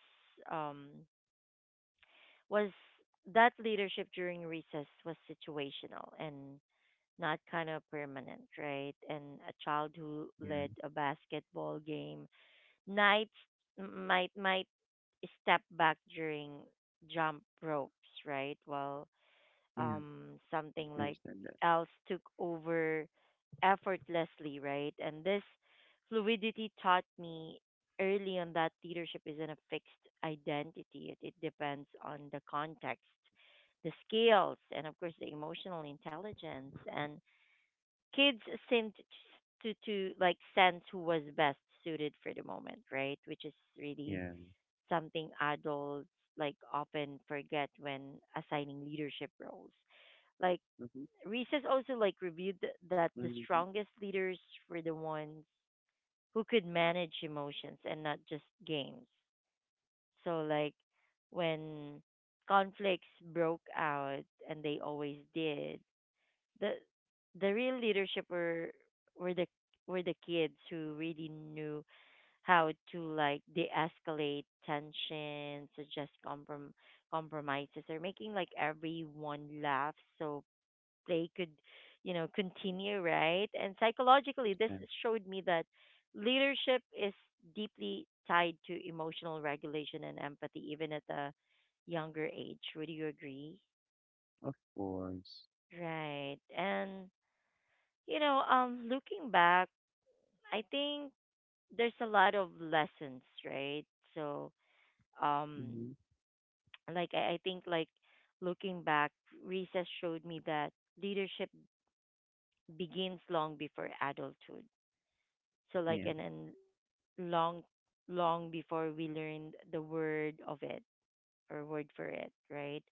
A: um was that leadership during recess was situational and not kind of permanent, right? And a child who led
B: yeah,
A: a basketball game nights might step back during jump ropes, right? While
B: yeah.
A: something
B: I
A: like
B: understand that.
A: else took over effortlessly, right? And this fluidity taught me early on that leadership isn't a fixed identity. It depends on the context, the skills, and of course the emotional intelligence. And kids seemed to like sense who was best suited for the moment, right? Which is really
B: Yeah.
A: something adults like often forget when assigning leadership roles. Like
B: Mm-hmm,
A: Reese's also like reviewed that the
B: mm-hmm.
A: strongest leaders were the ones who could manage emotions and not just games. So like when conflicts broke out and they always did, the the real leadership were the were the kids who really knew how to like de-escalate tension, suggest compromises, or making like everyone laugh so play could, you know, continue, right? And psychologically, this
B: Yeah,
A: showed me that leadership is deeply tied to emotional regulation and empathy, even at a younger age. Would you agree?
B: of course.
A: Right. And you know, looking back, I think there's a lot of lessons, right? So, um,
B: Mm-hmm.
A: like I think like looking back, recess showed me that leadership begins long before adulthood. So like
B: Yeah,
A: and long long before we learned the word of it or word for it, right?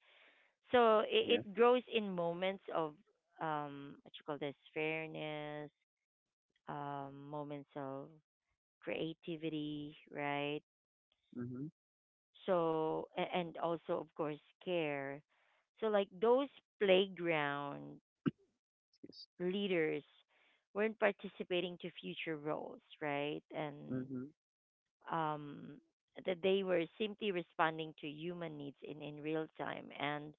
A: So
B: yeah.
A: it grows in moments of what you call this fairness, moments of creativity, right?
B: Mm-hmm.
A: So a- and also of course care. So like those playground
B: Yes.
A: leaders weren't participating to future roles, right? And
B: Mm-hmm.
A: um, that they were simply responding to human needs in real time. And,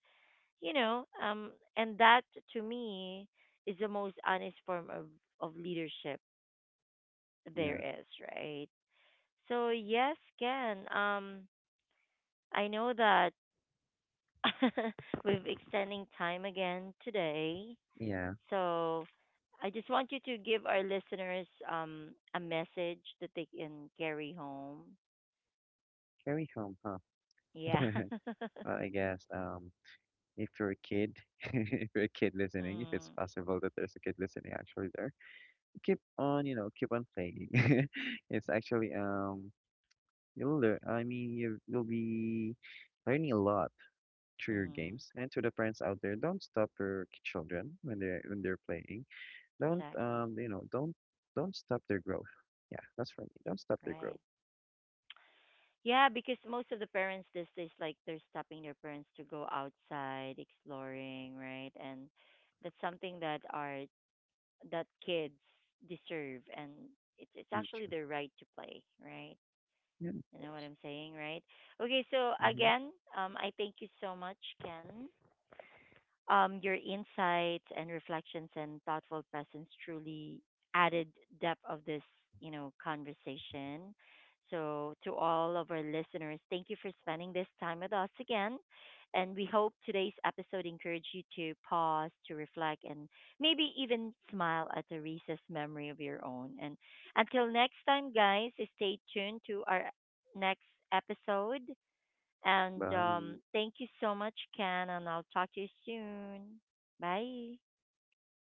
A: you know, and that to me is the most honest form of leadership there
B: Yeah,
A: is, right? So, yes, Ken, I know that we've extending time again today.
B: yeah.
A: So I just want you to give our listeners a message that they can carry home.
B: Carry home, huh?
A: Yeah.
B: Well, I guess. If you're a kid, if you're a kid listening, if it's
A: Mm,
B: possible that there's a kid listening actually there, keep on playing. It's actually you'll learn. I mean, you'll be learning a lot through your
A: mm,
B: games. And to the parents out there, don't stop your children when they're playing. Don't
A: exactly.
B: you know don't stop their growth. Yeah, that's for me. Don't stop their growth.
A: Right. Yeah, because most of the parents these days, like they're stopping their parents to go outside exploring, right? And that's something that are that kids deserve, and it's
B: Mm.
A: actually
B: Sure.
A: their right to play, right?
B: Yeah, of
A: You know what
B: course.
A: I'm saying, right? Okay, so
B: Mm-hmm.
A: again, I thank you so much, Ken, your insights and reflections and thoughtful presence truly added depth of this, you know, conversation. So to all of our listeners, thank you for spending this time with us again. And we hope today's episode encouraged you to pause, to reflect, and maybe even smile at a recess memory of your own. And until next time, guys, stay tuned to our next episode. And
B: Bye.
A: thank you so much, Ken, and I'll talk to you soon. Bye.
B: Bye.